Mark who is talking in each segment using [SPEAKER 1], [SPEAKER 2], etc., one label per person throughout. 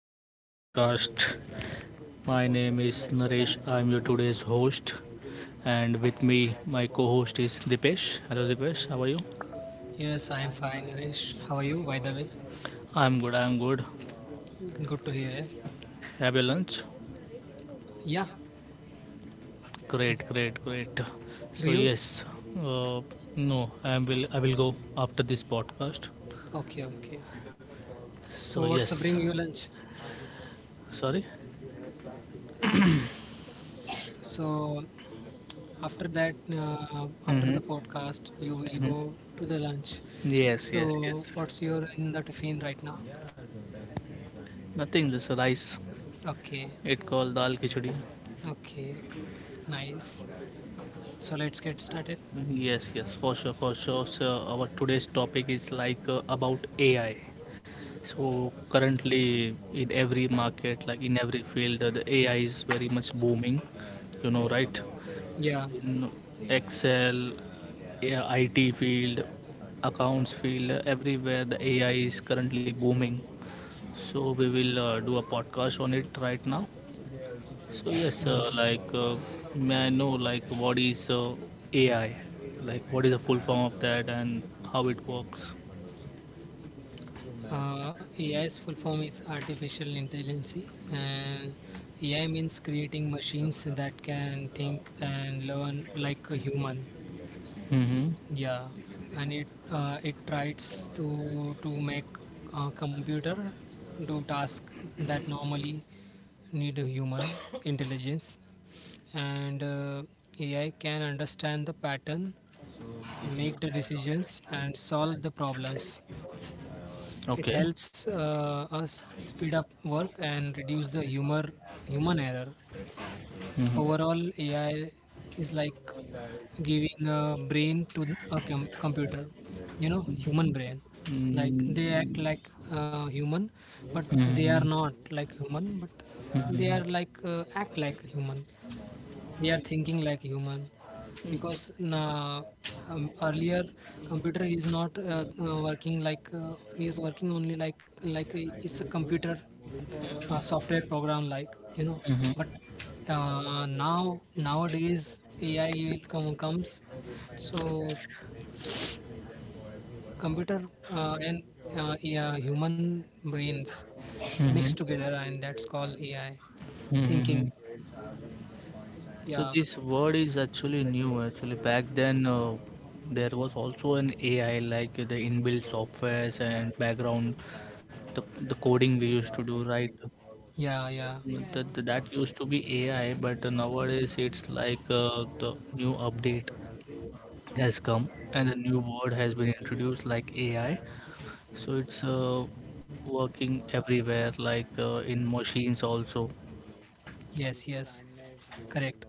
[SPEAKER 1] to another podcast. My name is Naresh. I'm your today's host, and with me, my co-host is Dipesh. Hello, Dipesh. How are you?
[SPEAKER 2] Yes, I am fine, Harish. How are you, by the way?
[SPEAKER 1] I'm good. I'm good.
[SPEAKER 2] Good to hear it.
[SPEAKER 1] Have your lunch?
[SPEAKER 2] Yeah, did,
[SPEAKER 1] Great, great, great.
[SPEAKER 2] do
[SPEAKER 1] So
[SPEAKER 2] you?
[SPEAKER 1] yes, uh, no, I will go after this podcast.
[SPEAKER 2] Okay, okay.
[SPEAKER 1] So
[SPEAKER 2] So, what's the
[SPEAKER 1] yes,
[SPEAKER 2] bring you lunch?
[SPEAKER 1] sorry.
[SPEAKER 2] So, after that, after
[SPEAKER 1] Mm-hmm.
[SPEAKER 2] the podcast, you will go
[SPEAKER 1] Mm-hmm.
[SPEAKER 2] to the lunch.
[SPEAKER 1] Yes, yes,
[SPEAKER 2] So,
[SPEAKER 1] yes.
[SPEAKER 2] what's your in the tiffin right now?
[SPEAKER 1] Nothing. Just rice.
[SPEAKER 2] Okay,
[SPEAKER 1] It called dal khichdi.
[SPEAKER 2] okay, nice. So, let's get started.
[SPEAKER 1] Yes, yes, for sure, for sure. So our today's topic is like about AI. So currently, in every market, like in every field, the AI is very much booming. You know, right?
[SPEAKER 2] Yeah.
[SPEAKER 1] In Excel, yeah, IT field, accounts field, everywhere the AI is currently booming. So we will do a podcast on it right now. So yes,
[SPEAKER 2] Mm.
[SPEAKER 1] like may I know, like what is AI? Like what is the full form of that, and how it works?
[SPEAKER 2] AI's full form is artificial intelligence, and AI means creating machines that can think and learn like a human.
[SPEAKER 1] Mm-hmm.
[SPEAKER 2] Yeah, and it tries to make a computer do tasks that normally need a human intelligence, and AI can understand the pattern, make the decisions, and solve the problems. It
[SPEAKER 1] Okay.
[SPEAKER 2] helps us speed up work and reduce the human error.
[SPEAKER 1] Mm-hmm.
[SPEAKER 2] Overall, AI is like giving a brain to a computer, you know, human brain. Like they act
[SPEAKER 1] Mm-hmm.
[SPEAKER 2] like human, but they are
[SPEAKER 1] Mm-hmm.
[SPEAKER 2] not like human, but they are like act like human we are thinking like human because na, earlier computer is not working like is working only like it's a computer software program like but
[SPEAKER 1] Mm-hmm.
[SPEAKER 2] now nowadays AI will comes. So computer and yeah, human brains mixed together, and that's called AI
[SPEAKER 1] Mm-hmm.
[SPEAKER 2] thinking.
[SPEAKER 1] So
[SPEAKER 2] Yeah,
[SPEAKER 1] this word is actually new. Actually, back then, there was also an AI, like the inbuilt softwares and background, the coding we used to do, right?
[SPEAKER 2] yeah, yeah.
[SPEAKER 1] That used to be AI, but nowadays it's like the new update has come, and a new word has been introduced like AI. So it's working everywhere, like in machines also.
[SPEAKER 2] Yes, yes, correct.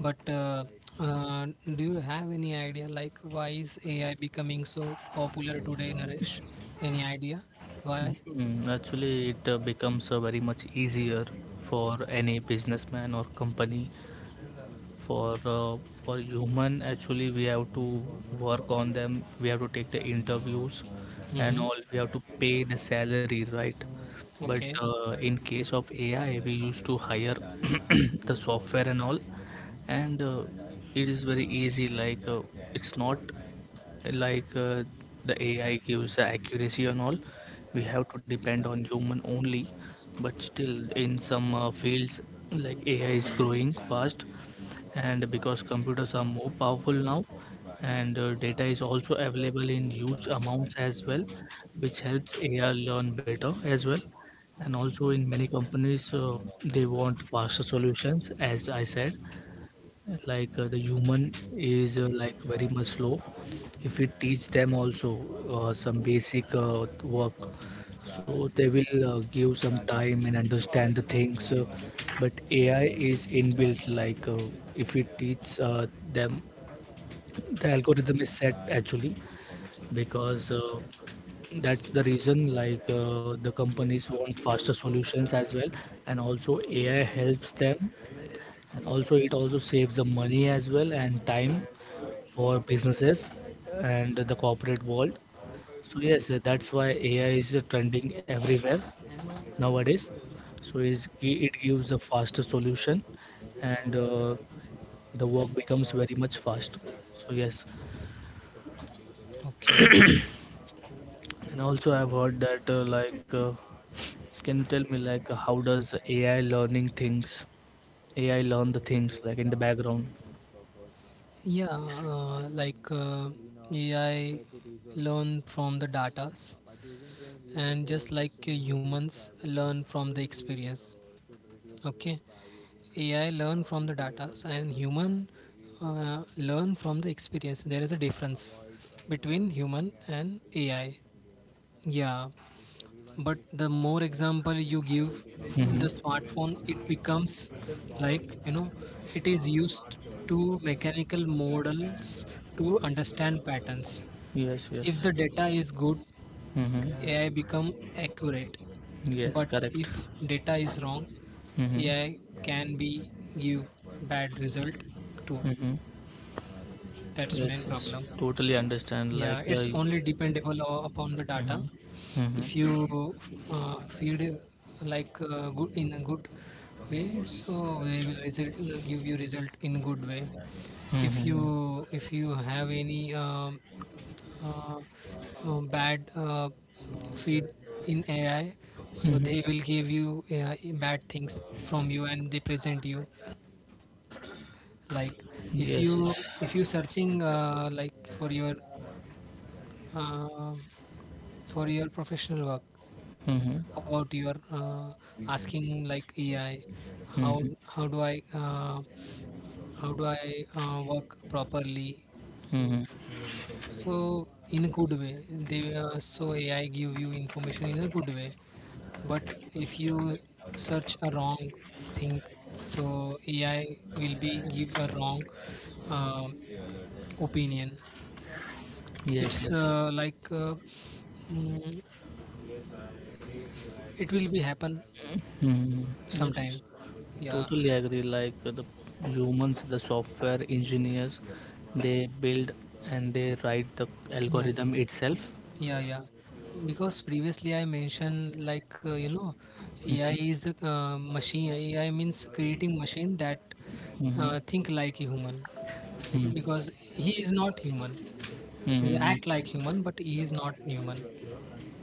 [SPEAKER 2] But uh, do you have any idea, like, why is AI becoming so popular today, Naresh? Any idea why?
[SPEAKER 1] Mhm. Actually, it becomes very much easier for any businessman or company. For uh, for human, actually, we have to work on them. We have to take the interviews
[SPEAKER 2] Mm-hmm.
[SPEAKER 1] and all. We have to pay the salary, right? But
[SPEAKER 2] Okay,
[SPEAKER 1] in case of AI, we used to hire the software and all, and it is very easy, like it's not, like the AI gives the accuracy and all. We have to depend on human only, but still, in some fields like AI is growing fast, and because computers are more powerful now, and data is also available in huge amounts as well, which helps AI learn better as well. And also, in many companies, they want faster solutions, as I said. Like the human is, like, very much slow. If we teach them also some basic work, so they will give some time and understand the things, but AI is inbuilt, like if we teach them, the algorithm is set actually, because that's the reason. Like the companies want faster solutions as well, and also AI helps them, and also it also saves the money as well, and time for businesses and the corporate world. So yes, that's why AI is trending everywhere nowadays. So it's, it gives a faster solution, and the work becomes very much fast. So yes,
[SPEAKER 2] okay.
[SPEAKER 1] and also I've heard that, like, can you tell me, like, how does AI learning things? AI learn the things like in the background.
[SPEAKER 2] Yeah, like AI learn from the datas, and just like humans learn from the experience. Okay, AI learn from the data and human learn from the experience. There is a difference between human and AI. Yeah, but the more example you give, the
[SPEAKER 1] Mm-hmm.
[SPEAKER 2] smartphone it becomes, like it is used to mechanical models to understand patterns.
[SPEAKER 1] Yes, yes.
[SPEAKER 2] If the data is good,
[SPEAKER 1] Mm-hmm.
[SPEAKER 2] AI become accurate,
[SPEAKER 1] Yes,
[SPEAKER 2] but
[SPEAKER 1] correct.
[SPEAKER 2] if data is wrong,
[SPEAKER 1] Mm-hmm.
[SPEAKER 2] AI can be give bad result too.
[SPEAKER 1] Mm-hmm.
[SPEAKER 2] That's
[SPEAKER 1] Yes,
[SPEAKER 2] main
[SPEAKER 1] yes.
[SPEAKER 2] problem.
[SPEAKER 1] Totally understand. Like,
[SPEAKER 2] Yeah, it's only dependable upon the data.
[SPEAKER 1] Mhm.
[SPEAKER 2] If
[SPEAKER 1] Mhm.
[SPEAKER 2] you feed like good in a good way, so they will result give you result in good way. If
[SPEAKER 1] Mhm.
[SPEAKER 2] you have any uh, bad feed in AI, so
[SPEAKER 1] Mhm.
[SPEAKER 2] they will give you bad things from you and they present you like. If
[SPEAKER 1] Yes,
[SPEAKER 2] you
[SPEAKER 1] yes.
[SPEAKER 2] if you searching like uh, for your professional work,
[SPEAKER 1] Mhm.
[SPEAKER 2] about your asking like AI how
[SPEAKER 1] Mhm.
[SPEAKER 2] how do I uh, how do I work properly.
[SPEAKER 1] Mhm.
[SPEAKER 2] So in a good way they so AI give you information in a good way, but if you search a wrong thing, so AI will be give a wrong um opinion.
[SPEAKER 1] Yes,
[SPEAKER 2] It's
[SPEAKER 1] yes.
[SPEAKER 2] like mm, it will be happen
[SPEAKER 1] Mhm. Yes.
[SPEAKER 2] sometime. Yeah,
[SPEAKER 1] Totally agree. Like the humans, the software engineers, they build and they write the
[SPEAKER 2] yeah,
[SPEAKER 1] algorithm
[SPEAKER 2] yeah,
[SPEAKER 1] itself.
[SPEAKER 2] yeah, yeah. Because previously I mentioned, like AI is a machine. AI means creating machine that
[SPEAKER 1] Mm-hmm.
[SPEAKER 2] think like a human,
[SPEAKER 1] Hmm.
[SPEAKER 2] because he is not human. He
[SPEAKER 1] Hmm.
[SPEAKER 2] act like human, but he is not human.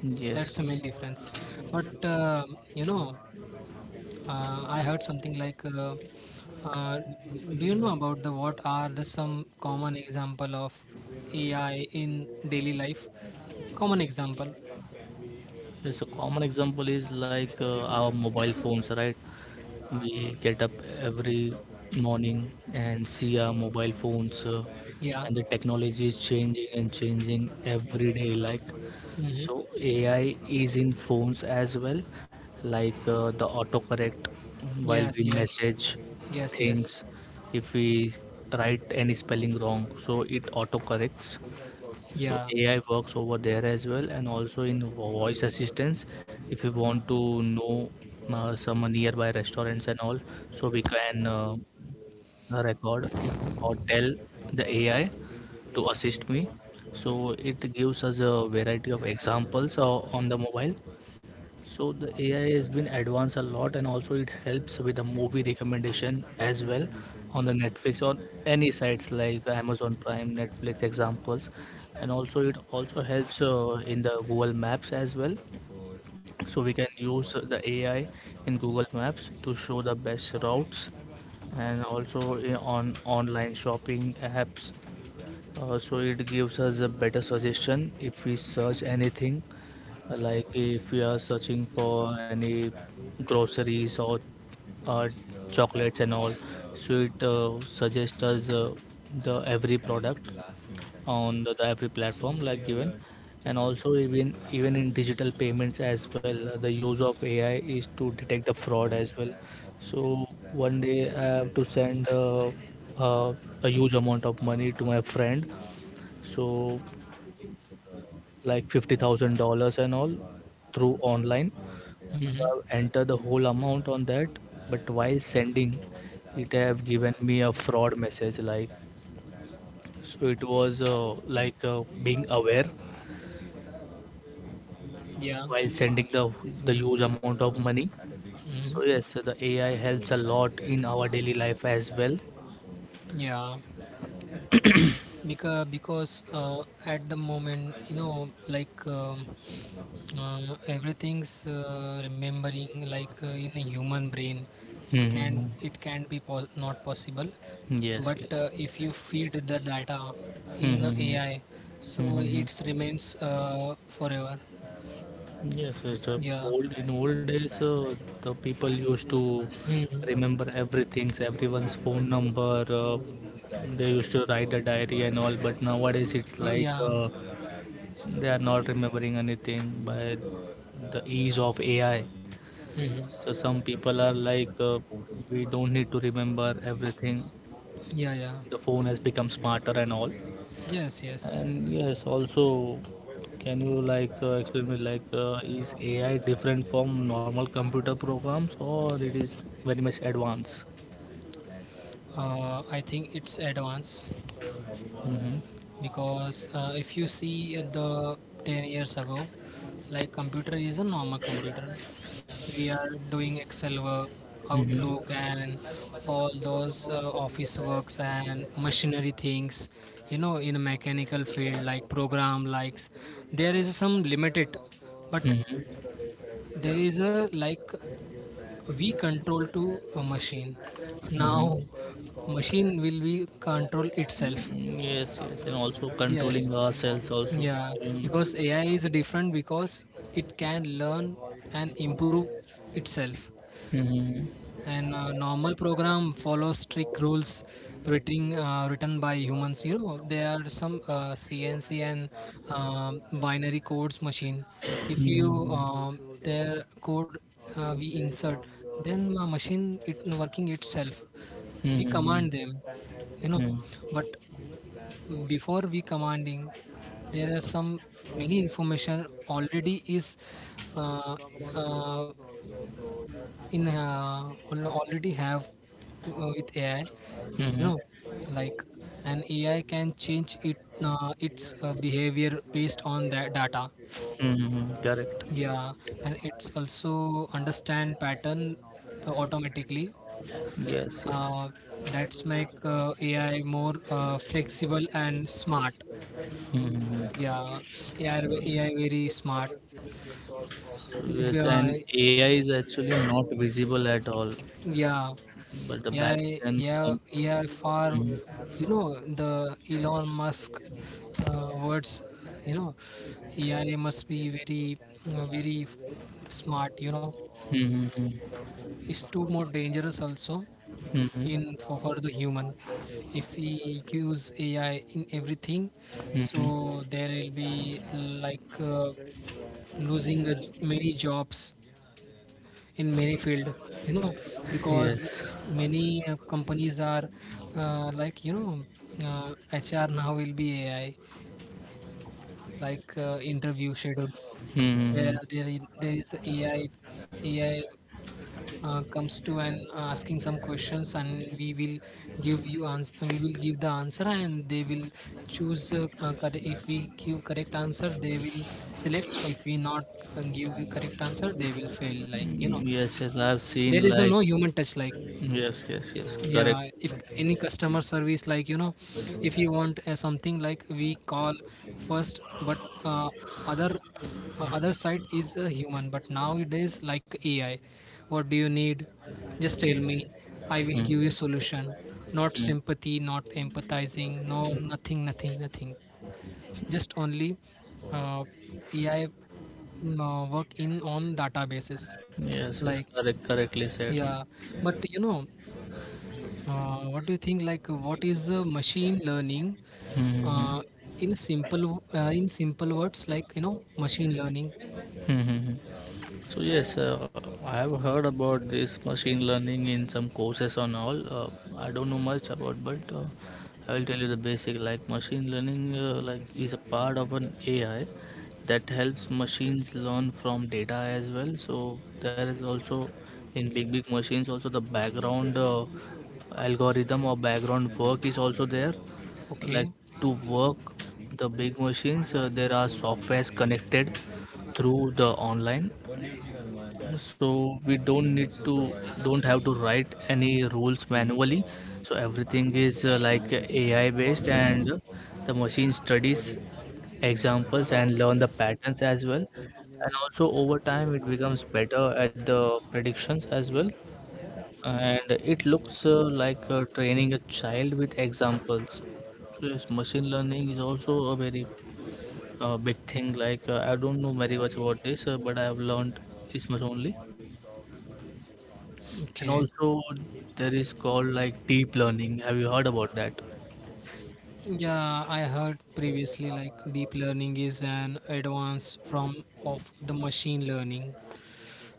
[SPEAKER 1] Yes.
[SPEAKER 2] That's the main
[SPEAKER 1] Yes.
[SPEAKER 2] difference. But you know I heard something like, do you know about the what are the some common example of AI in daily life. Common example.
[SPEAKER 1] Yes, a common example is like our mobile phones, right? We get up every morning and see our mobile phones,
[SPEAKER 2] Yeah.
[SPEAKER 1] and the technology is changing and changing every day, like,
[SPEAKER 2] Mm-hmm.
[SPEAKER 1] so AI is in phones as well, like the autocorrect while
[SPEAKER 2] Yes,
[SPEAKER 1] we
[SPEAKER 2] yes.
[SPEAKER 1] message
[SPEAKER 2] Yes, yes.
[SPEAKER 1] things. If we write any spelling wrong, so it autocorrects, so
[SPEAKER 2] Yeah.
[SPEAKER 1] AI works over there as well, and also in voice assistance. If you want to know some nearby restaurants and all, so we can record or tell the AI to assist me, so it gives us a variety of examples on the mobile. So the AI has been advanced a lot, and also it helps with the movie recommendation as well on the Netflix, or any sites like Amazon Prime, Netflix examples, and also it also helps in the Google Maps as well. So we can use the AI in Google Maps to show the best routes, and also on online shopping apps. So it gives us a better suggestion if we search anything, like if you are searching for any groceries or uh, chocolates and all, so it suggests us the every product on the every platform like given, and also even in digital payments as well. The use of AI is to detect the fraud as well. So one day I have to send uh, a huge amount of money to my friend, so like $50,000 and all through online,
[SPEAKER 2] Mm-hmm.
[SPEAKER 1] have entered the whole amount on that, but while sending, it have given me a fraud message, like, so it was, like, being aware
[SPEAKER 2] Yeah.
[SPEAKER 1] while sending the huge amount of money.
[SPEAKER 2] Mm-hmm.
[SPEAKER 1] So yes, the AI helps a lot in our daily life as well.
[SPEAKER 2] Yeah. Because at the moment like everything's remembering, like in a human brain, it can
[SPEAKER 1] Mm-hmm.
[SPEAKER 2] it can be not possible.
[SPEAKER 1] Yes,
[SPEAKER 2] But
[SPEAKER 1] yes.
[SPEAKER 2] if you feed the data in
[SPEAKER 1] Mm-hmm.
[SPEAKER 2] AI, so
[SPEAKER 1] Mm-hmm.
[SPEAKER 2] it
[SPEAKER 1] Mm-hmm.
[SPEAKER 2] remains forever.
[SPEAKER 1] Yes, yes. The
[SPEAKER 2] Yeah.
[SPEAKER 1] old in old days, the people used to
[SPEAKER 2] Hmm.
[SPEAKER 1] remember everything, everyone's phone number. They used to write a diary and all. But nowadays, it's like
[SPEAKER 2] Yeah.
[SPEAKER 1] they are not remembering anything by the ease of AI.
[SPEAKER 2] Hmm.
[SPEAKER 1] So some people are like, we don't need to remember everything.
[SPEAKER 2] Yeah, yeah.
[SPEAKER 1] The phone has become smarter and all.
[SPEAKER 2] Yes, yes.
[SPEAKER 1] And yes, also, can you, like explain me, like is AI different from normal computer programs, or it is very much advanced?
[SPEAKER 2] I think it's advanced
[SPEAKER 1] Mm-hmm.
[SPEAKER 2] because if you see, in the 10 years ago, like computer is a normal computer. We are doing excel work, outlook,
[SPEAKER 1] Mm-hmm.
[SPEAKER 2] and all those office works and machinery things, in a mechanical field, like program likes, there is some limited, but
[SPEAKER 1] Mm-hmm.
[SPEAKER 2] there is a like we control to a machine.
[SPEAKER 1] Mm-hmm.
[SPEAKER 2] Now machine will be control itself.
[SPEAKER 1] Yes, yes, and also
[SPEAKER 2] Yes.
[SPEAKER 1] controlling ourselves also.
[SPEAKER 2] Yeah,
[SPEAKER 1] Mm-hmm.
[SPEAKER 2] because AI is different because it can learn and improve itself.
[SPEAKER 1] Mm-hmm.
[SPEAKER 2] And normal program follows strict rules, written by humans. You know, there are some CNC and binary codes machine. If you their code we insert, then machine it working itself. We command
[SPEAKER 1] Mm-hmm.
[SPEAKER 2] them, you know.
[SPEAKER 1] Mm-hmm.
[SPEAKER 2] But before we commanding, there are some many information already is uh, uh, in already have with AI you
[SPEAKER 1] Mm-hmm.
[SPEAKER 2] know like, an AI can change it its behavior based on that data.
[SPEAKER 1] Mm-hmm. Correct.
[SPEAKER 2] Yeah. And it's also understand pattern automatically.
[SPEAKER 1] Yes, yes.
[SPEAKER 2] uh, that's make AI more flexible and smart.
[SPEAKER 1] Mm-hmm.
[SPEAKER 2] Yeah. Yeah, yeah, very smart.
[SPEAKER 1] So
[SPEAKER 2] B-
[SPEAKER 1] yes,
[SPEAKER 2] uh,
[SPEAKER 1] and AI is actually not visible at all,
[SPEAKER 2] yeah,
[SPEAKER 1] but the
[SPEAKER 2] yeah,
[SPEAKER 1] back then.
[SPEAKER 2] yeah, yeah. For,
[SPEAKER 1] Mm-hmm.
[SPEAKER 2] you know, the Elon Musk words, you know AI must be very smart,
[SPEAKER 1] Mm-hmm.
[SPEAKER 2] it's too more dangerous also,
[SPEAKER 1] Mm-hmm.
[SPEAKER 2] in for the human. If we use AI in everything,
[SPEAKER 1] Mm-hmm. Mm-hmm.
[SPEAKER 2] so there will be, like losing a j many jobs in many field, you know because
[SPEAKER 1] Yes.
[SPEAKER 2] many companies are like, uh, HR now will be AI, like interview schedule. there
[SPEAKER 1] Mm-hmm.
[SPEAKER 2] there, i- there is AI comes to and asking some questions, and we will give the answer, and they will choose if we give correct answer, they will select, or if we not give correct answer, they will fail, like
[SPEAKER 1] Yes, yes. I've
[SPEAKER 2] there
[SPEAKER 1] seen,
[SPEAKER 2] is a
[SPEAKER 1] like,
[SPEAKER 2] no human touch, like.
[SPEAKER 1] yes, yes, yes. Correct.
[SPEAKER 2] Yeah, if any customer service, like, if you want something, like we call first, but uh, other other side is a human. But nowadays, like AI, what do you need? Just tell me, I will give you
[SPEAKER 1] Mm-hmm.
[SPEAKER 2] solution. Not
[SPEAKER 1] Mm-hmm.
[SPEAKER 2] sympathy, not empathizing, no, nothing, nothing, nothing. Just only uh, AI work in on databases,
[SPEAKER 1] Yes,
[SPEAKER 2] like.
[SPEAKER 1] yes. Correct. Correctly said.
[SPEAKER 2] Yeah, but what do you think? Like, what is machine learning?
[SPEAKER 1] Mm-hmm.
[SPEAKER 2] Uh, in simple, in simple words, like, machine learning.
[SPEAKER 1] Mm-hmm. So yes, I have heard about this machine learning in some courses on all. I don't know much about, but I will tell you the basic. Like, machine learning, like, is a part of an AI that helps machines learn from data as well. So there is also in big big machines also the background algorithm or background work is also there. Like,
[SPEAKER 2] Okay,
[SPEAKER 1] to work the big machines, there are softwares connected through the online, so we don't have to write any rules manually, so everything is, like, AI based, and the machine studies examples and learn the patterns as well, and also over time it becomes better at the predictions as well, and it looks, like, training a child with examples. So yes, machine learning is also a very big thing. Like, I don't know very much about this, but I have learned this much only. And
[SPEAKER 2] okay.
[SPEAKER 1] also, there is called like deep learning. Have you heard about that?
[SPEAKER 2] Yeah, I heard previously, like, deep learning is an advance from of the machine learning.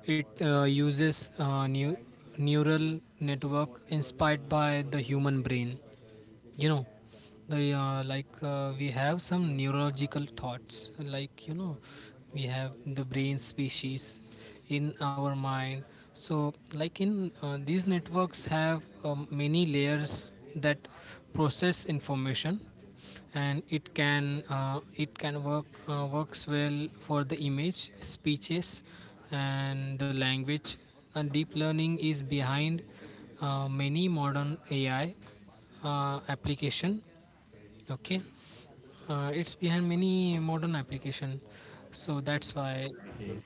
[SPEAKER 2] It uses new neural network inspired by the human brain. You know, the like we have some neurological thoughts, like, we have the brain species in our mind. So like, in these networks have many layers that process information, and it can works well for the image speeches and the language. And deep learning is behind many modern AI application. Okay, it's behind many modern application. So that's why.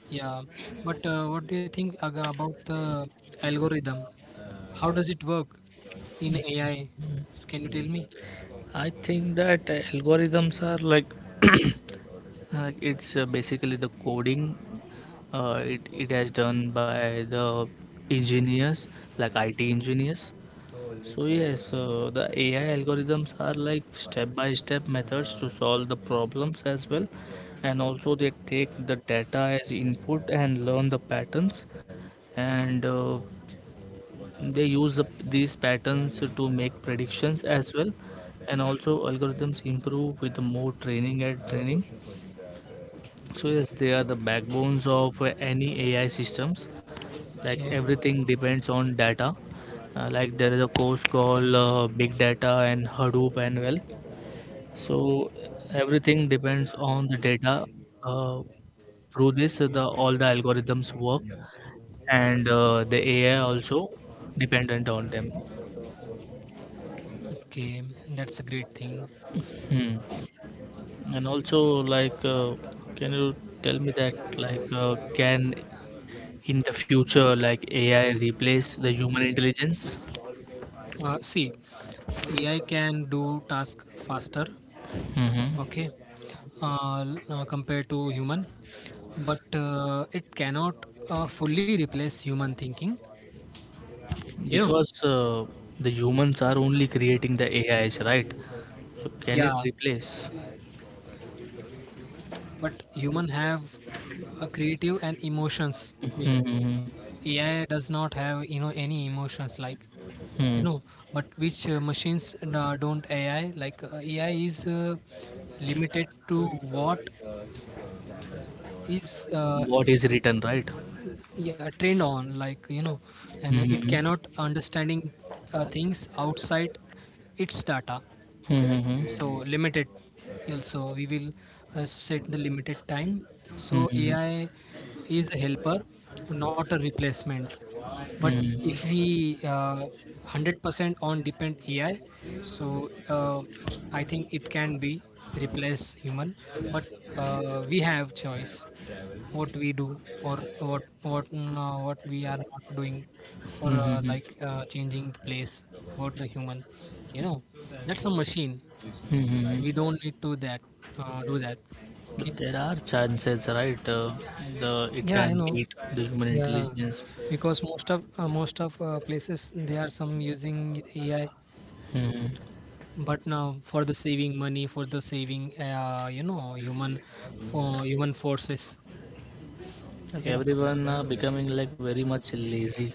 [SPEAKER 2] Yeah, but what do you think about the algorithm? How does it work in AI? Can you tell me?
[SPEAKER 1] I think that algorithms are, like, it's basically the coding. It has done by the engineers, like IT engineers. So yes, the AI algorithms are like step by step methods to solve the problems as well, and also they take the data as input and learn the patterns, and they use up these patterns to make predictions as well, and also algorithms improve with more training and training. So yes, they are the backbones of any AI systems, like
[SPEAKER 2] Okay.
[SPEAKER 1] everything depends on data. Like, there is a course called big data and hadoop and well, so everything depends on the data. uh, Through this, the all the algorithms work, and the AI also dependent on them.
[SPEAKER 2] Okay, that's a great thing.
[SPEAKER 1] Hmm. And also, like, can you tell me that, like, can, in the future, like, AI replace the human intelligence?
[SPEAKER 2] See, AI can do task faster, okay,
[SPEAKER 1] Mm-hmm.
[SPEAKER 2] compared to human. But it cannot fully replace human thinking you know
[SPEAKER 1] Because the humans are only creating the AIs, right? So can it
[SPEAKER 2] Yeah,
[SPEAKER 1] replace?
[SPEAKER 2] but human have a creative and emotions. I mean,
[SPEAKER 1] Mm-hmm.
[SPEAKER 2] AI does not have, any emotions, like, you
[SPEAKER 1] Hmm.
[SPEAKER 2] know, but which machines don't. AI, like AI is limited to what is
[SPEAKER 1] What is written, right?
[SPEAKER 2] yeah, trained on, like, and it
[SPEAKER 1] Mm-hmm.
[SPEAKER 2] cannot understanding things outside its data. So
[SPEAKER 1] Mm-hmm.
[SPEAKER 2] limited. Also, we will set the limited time. So
[SPEAKER 1] Mm-hmm.
[SPEAKER 2] AI is a helper, not a replacement, but if
[SPEAKER 1] Mm-hmm.
[SPEAKER 2] we 100% on depend AI, so I think it can be replace human. But we have choice what we do, or what we are not doing for
[SPEAKER 1] Mm-hmm.
[SPEAKER 2] like changing the place about the human you know that's a machine. We
[SPEAKER 1] Mm-hmm.
[SPEAKER 2] don't need to that do that. Okay.
[SPEAKER 1] But there are chances, right? The it
[SPEAKER 2] Yeah, I
[SPEAKER 1] can
[SPEAKER 2] know.
[SPEAKER 1] beat the human
[SPEAKER 2] Yeah,
[SPEAKER 1] intelligence.
[SPEAKER 2] because most of places they are some using AI.
[SPEAKER 1] Hmm.
[SPEAKER 2] But now, for the saving money, for the saving human, for human forces
[SPEAKER 1] Like,
[SPEAKER 2] you know
[SPEAKER 1] everyone becoming like very much lazy.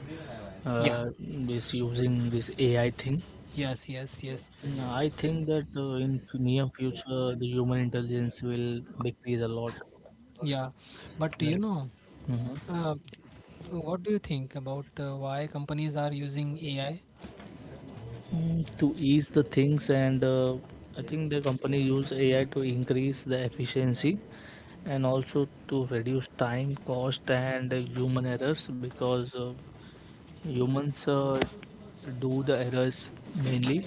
[SPEAKER 2] yeah.
[SPEAKER 1] Uh, this, using this AI thing.
[SPEAKER 2] Yes, yes, yes.
[SPEAKER 1] Mm, I think that, in near future, the human intelligence will decrease a lot.
[SPEAKER 2] Yeah,
[SPEAKER 1] Because,
[SPEAKER 2] but
[SPEAKER 1] like, mhm.
[SPEAKER 2] uh, what do you think about the why companies are using AI?
[SPEAKER 1] To ease the things and I think the company use AI to increase the efficiency and also to reduce time, cost, and human errors because humans do the errors mainly,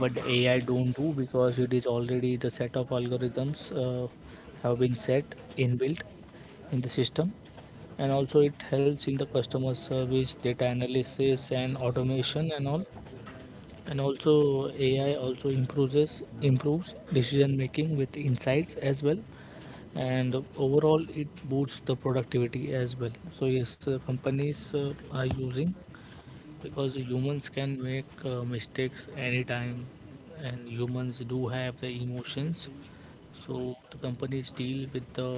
[SPEAKER 1] but AI don't do because it is already the set of algorithms have been set inbuilt in the system. And also, it helps in the customer service, data analysis, and automation and all. And also AI also improves decision making with insights as well, and overall it boosts the productivity as well. So yes, uh, companies are using, because humans can make mistakes anytime, and humans do have the emotions. So the companies deal with the,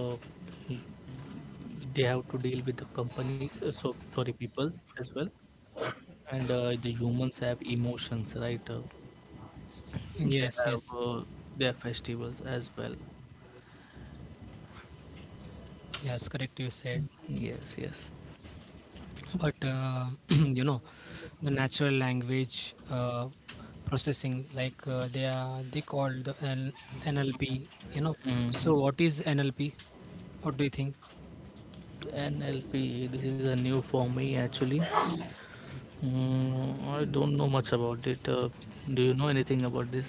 [SPEAKER 1] they have to deal with the companies, so sorry, people as well. And the humans have emotions, right? uh, they
[SPEAKER 2] Yes,
[SPEAKER 1] have
[SPEAKER 2] yes,
[SPEAKER 1] uh, their festivals as well.
[SPEAKER 2] yes, correct you said.
[SPEAKER 1] Yes, yes.
[SPEAKER 2] But you know, the natural language processing, like, they call the NLP. So
[SPEAKER 1] Mhm.
[SPEAKER 2] what is NLP? What do you think?
[SPEAKER 1] NLP, this is a new for me actually. Mm, I don't know much about it. Do you know anything about this?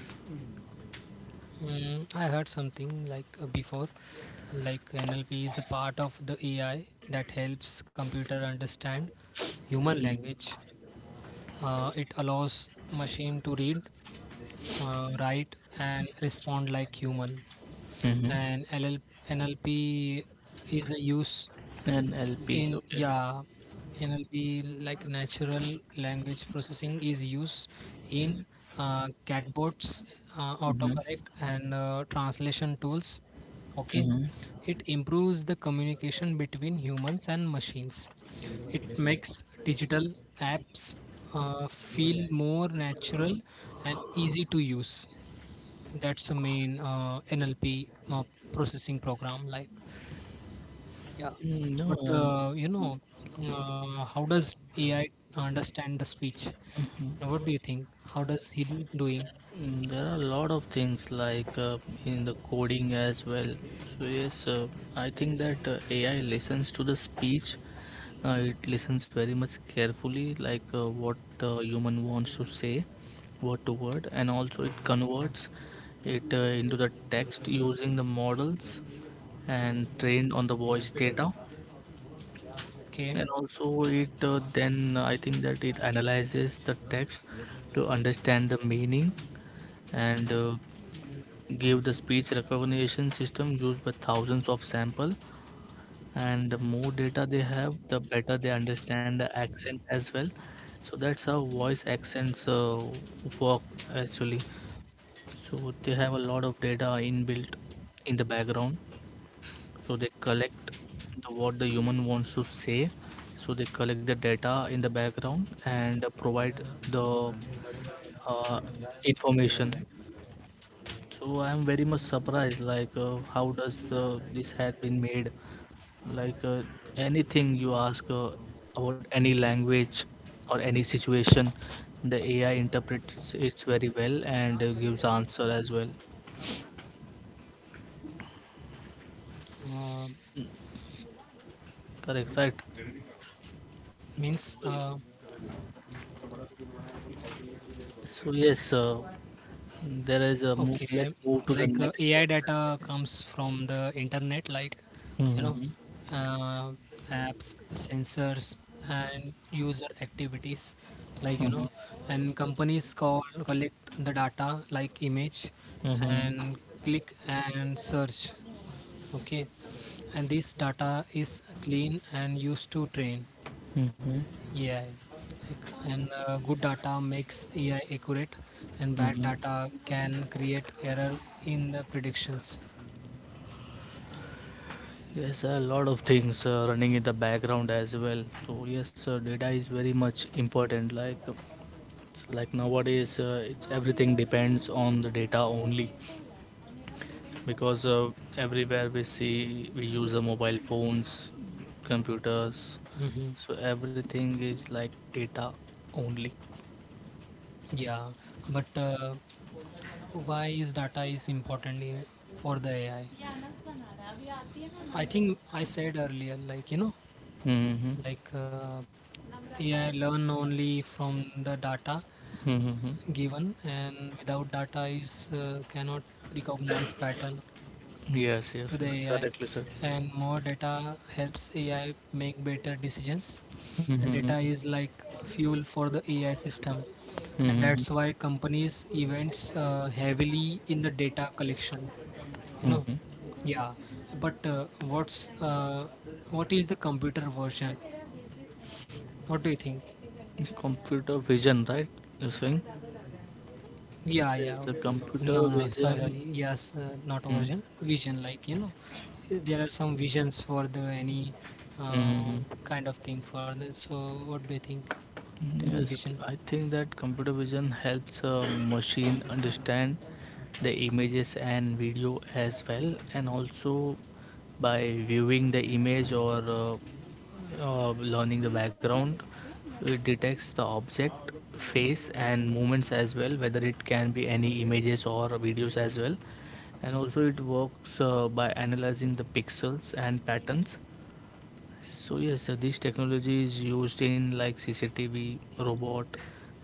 [SPEAKER 2] I heard something like, before, like, NLP is a part of the AI that helps computer understand human language. It allows machine to read, write, and respond like human.
[SPEAKER 1] Mhm.
[SPEAKER 2] And NLP is a use
[SPEAKER 1] NLP.
[SPEAKER 2] in.
[SPEAKER 1] Okay.
[SPEAKER 2] Yeah, NLP, like natural language processing, is used in chatbots,
[SPEAKER 1] Mhm.
[SPEAKER 2] autocorrect, and translation tools. Okay,
[SPEAKER 1] Mhm.
[SPEAKER 2] it improves the communication between humans and machines. It makes digital apps feel more natural and easy to use. That's the main NLP processing program. Like, yeah,
[SPEAKER 1] Mm, no,
[SPEAKER 2] but how does AI understand the speech?
[SPEAKER 1] mhm.
[SPEAKER 2] What do you think? How does he doing?
[SPEAKER 1] Mm, there are a lot of things like in the coding as well. So yes, I think that AI listens to the speech. It listens very much carefully, like what human wants to say, word to word, and also it converts it into the text using the models and trained on the voice data.
[SPEAKER 2] Okay,
[SPEAKER 1] And also it then I think that it analyzes the text to understand the meaning, and give the speech recognition system used by thousands of sample. And the more data they have, the better they understand the accent as well. So that's how voice accents work actually. So they have a lot of data inbuilt in the background, so they collect the what the human wants to say. So they collect the data in the background and provide the, uh, information. So I am very much surprised, like how does the, this has been made, like anything you ask about any language or any situation, the AI interprets it very well and gives answer as well.
[SPEAKER 2] uh,
[SPEAKER 1] Correct, right?
[SPEAKER 2] means
[SPEAKER 1] So, so yes, there is a move.
[SPEAKER 2] okay,
[SPEAKER 1] Let's move to the
[SPEAKER 2] like
[SPEAKER 1] next
[SPEAKER 2] AI
[SPEAKER 1] one.
[SPEAKER 2] data comes from the internet, like, you know,
[SPEAKER 1] Mhm,
[SPEAKER 2] uh, apps, sensors, and user activities, like,
[SPEAKER 1] mhm,
[SPEAKER 2] and companies call collect the data like image
[SPEAKER 1] mhm,
[SPEAKER 2] and click and search. Okay, and this data is clean and used to train
[SPEAKER 1] mhm,
[SPEAKER 2] AI. Like, and good data makes AI accurate, and bad
[SPEAKER 1] mhm.
[SPEAKER 2] data can create error in the predictions.
[SPEAKER 1] Yes, a lot of things running in the background as well. So yes, data is very much important. Like, it's like nowadays, it's everything depends on the data only, because everywhere we see, we use the mobile phones, computers.
[SPEAKER 2] Hmm.
[SPEAKER 1] So everything is like data only.
[SPEAKER 2] Yeah, but why is data is important for the AI? I think I said earlier, like,
[SPEAKER 1] Mm-hmm.
[SPEAKER 2] like AI learn only from the data
[SPEAKER 1] Mm-hmm.
[SPEAKER 2] given, and without data is cannot recognize pattern
[SPEAKER 1] Yes, yes,
[SPEAKER 2] to the
[SPEAKER 1] yes,
[SPEAKER 2] AI,
[SPEAKER 1] correctly said.
[SPEAKER 2] and more data helps AI make better decisions. And data
[SPEAKER 1] Mm-hmm.
[SPEAKER 2] is like fuel for the AI system, and
[SPEAKER 1] Mm-hmm.
[SPEAKER 2] that's why companies events heavily in the data collection. You know.
[SPEAKER 1] Mm-hmm.
[SPEAKER 2] Yeah. But what is the computer version? What do you think?
[SPEAKER 1] Computer vision, right? You're saying? Yes,
[SPEAKER 2] Yeah, yeah.
[SPEAKER 1] the
[SPEAKER 2] No,
[SPEAKER 1] computer
[SPEAKER 2] no, sorry,
[SPEAKER 1] vision.
[SPEAKER 2] sorry. Yes, not a version, vision. Like, there are some visions for the any uh,
[SPEAKER 1] Mm-hmm.
[SPEAKER 2] kind of thing for that. So what do you think? Tell me,
[SPEAKER 1] Yes,
[SPEAKER 2] vision.
[SPEAKER 1] I think that computer vision helps a machine understand the images and video as well, and also by viewing the image or learning the background, it detects the object, face, and movements as well, whether it can be any images or videos as well. And also it works by analyzing the pixels and patterns. So yes, this technology is used in like CCTV, robot,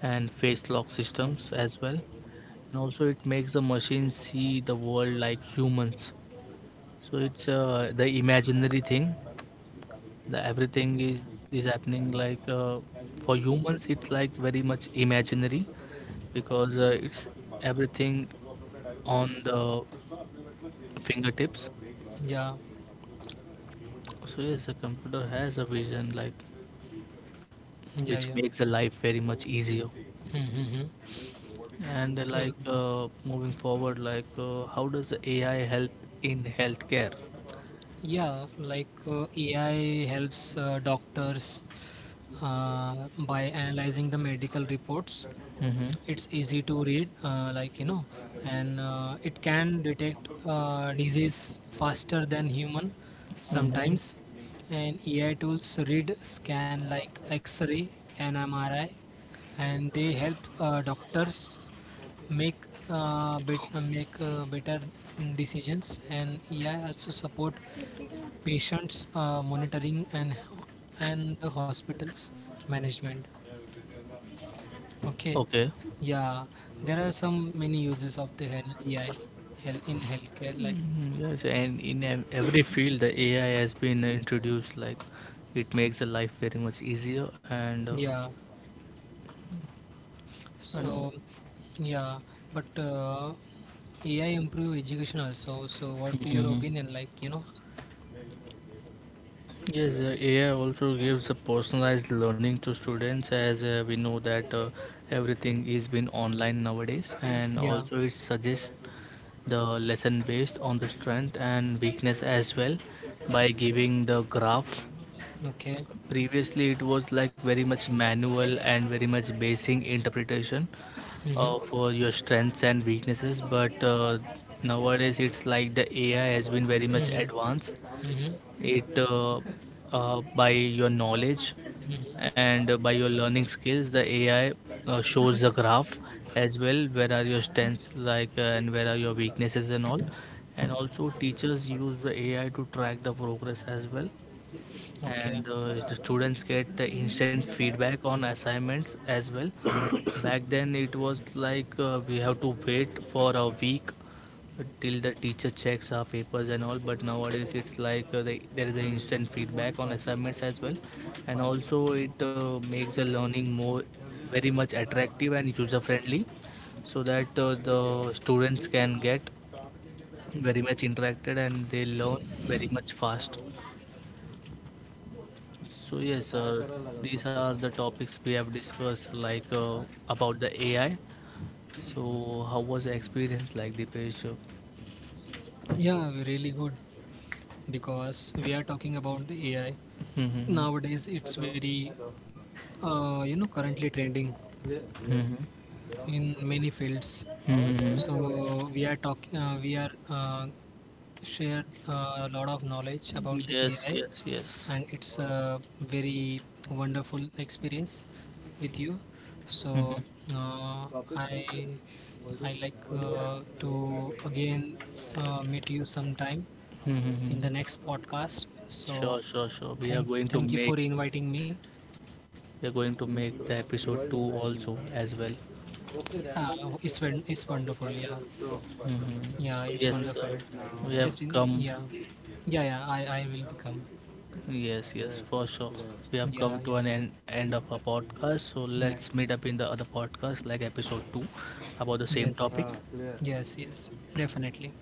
[SPEAKER 1] and face lock systems as well. And also, it makes the machine see the world like humans. So it's the imaginary thing. The everything is happening like for humans. It's like very much imaginary, because it's everything on the fingertips.
[SPEAKER 2] Yeah,
[SPEAKER 1] So yes, the computer has a vision like
[SPEAKER 2] yeah,
[SPEAKER 1] which
[SPEAKER 2] yeah.
[SPEAKER 1] makes the life very much easier.
[SPEAKER 2] Mm-hmm. Mm-hmm.
[SPEAKER 1] And like
[SPEAKER 2] Um,
[SPEAKER 1] moving forward, like how does AI help in healthcare?
[SPEAKER 2] yeah, like AI helps doctors by analyzing the medical reports.
[SPEAKER 1] Mm-hmm.
[SPEAKER 2] It's easy to read, like, and it can detect disease faster than human
[SPEAKER 1] Mm-hmm.
[SPEAKER 2] sometimes. And AI tools read scan like x-ray and MRI, and they help doctors make make better decisions. And AI also support patients monitoring and the hospitals management. Okay.
[SPEAKER 1] Okay.
[SPEAKER 2] Yeah, there are some many uses of the AI in healthcare, like.
[SPEAKER 1] Mm, yes, and in ev- every field, the AI has been introduced. Like it makes the life very much easier, and
[SPEAKER 2] Yeah.
[SPEAKER 1] you know,
[SPEAKER 2] So, yeah, but AI improve education also. So what do your
[SPEAKER 1] mhm.
[SPEAKER 2] opinion, like, you know?
[SPEAKER 1] Yes, AI also gives a personalized learning to students, as we know that everything is been online nowadays. And
[SPEAKER 2] Yeah,
[SPEAKER 1] also it suggests the lesson based on the strength and weakness as well, by giving the graph.
[SPEAKER 2] okay.
[SPEAKER 1] Previously it was like very much manual and very much basing interpretation
[SPEAKER 2] Mm-hmm.
[SPEAKER 1] of your strengths and weaknesses, but nowadays it's like the AI has been very much
[SPEAKER 2] Mm-hmm.
[SPEAKER 1] advanced.
[SPEAKER 2] Mm-hmm.
[SPEAKER 1] It by your knowledge
[SPEAKER 2] Mm-hmm.
[SPEAKER 1] and by your learning skills, the AI shows the graph as well, where are your strengths, like and where are your weaknesses and all. And also teachers use the AI to track the progress as well.
[SPEAKER 2] Okay.
[SPEAKER 1] And the students get the instant feedback on assignments as well back then it was like we have to wait for a week till the teacher checks our papers and all. But nowadays it's like the, there is an instant feedback on assignments as well. And also it makes the learning more very much attractive and user friendly, so that the students can get very much interacted and they learn very much fast. So yes, these are the topics we have discussed, like about the AI. So how was the experience like the page?
[SPEAKER 2] Yeah, really good, because we are talking about the AI.
[SPEAKER 1] Mm-hmm.
[SPEAKER 2] Nowadays, it's very, currently trending
[SPEAKER 1] Mm-hmm.
[SPEAKER 2] in many fields.
[SPEAKER 1] Mm-hmm.
[SPEAKER 2] So we are talking, we are shared a lot of knowledge about the
[SPEAKER 1] Yes,
[SPEAKER 2] AI,
[SPEAKER 1] yes, yes.
[SPEAKER 2] and it's a very wonderful experience with you.
[SPEAKER 1] Mhm.
[SPEAKER 2] So uh, I I like to again meet you sometime in the
[SPEAKER 1] Mhm.
[SPEAKER 2] next podcast. So
[SPEAKER 1] Sure, sure, sure. We are
[SPEAKER 2] thank
[SPEAKER 1] going to
[SPEAKER 2] thank you
[SPEAKER 1] make,
[SPEAKER 2] for inviting me.
[SPEAKER 1] we are going to make the episode 2 also as well.
[SPEAKER 2] Yeah, it's it's wonderful. Yeah.
[SPEAKER 1] Mhm.
[SPEAKER 2] Yeah,
[SPEAKER 1] So
[SPEAKER 2] it's
[SPEAKER 1] yes,
[SPEAKER 2] wonderful.
[SPEAKER 1] we have
[SPEAKER 2] Just in,
[SPEAKER 1] come.
[SPEAKER 2] yeah, yeah, yeah. I will become.
[SPEAKER 1] Yes, yes, yes, for sure. Yes. We have
[SPEAKER 2] Yeah,
[SPEAKER 1] come
[SPEAKER 2] yeah,
[SPEAKER 1] to an end, end of our podcast. So
[SPEAKER 2] yeah.
[SPEAKER 1] let's meet up in the other podcast, like episode 2, about the same
[SPEAKER 2] Yes,
[SPEAKER 1] topic.
[SPEAKER 2] yes,
[SPEAKER 1] Ah,
[SPEAKER 2] yes, yes. Definitely.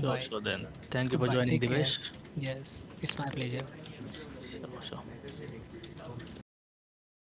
[SPEAKER 1] sure, sure, then. Thank you for
[SPEAKER 2] Goodbye.
[SPEAKER 1] joining,
[SPEAKER 2] Take care.
[SPEAKER 1] Divesh.
[SPEAKER 2] Yes, it's my pleasure.
[SPEAKER 1] Sure, sure.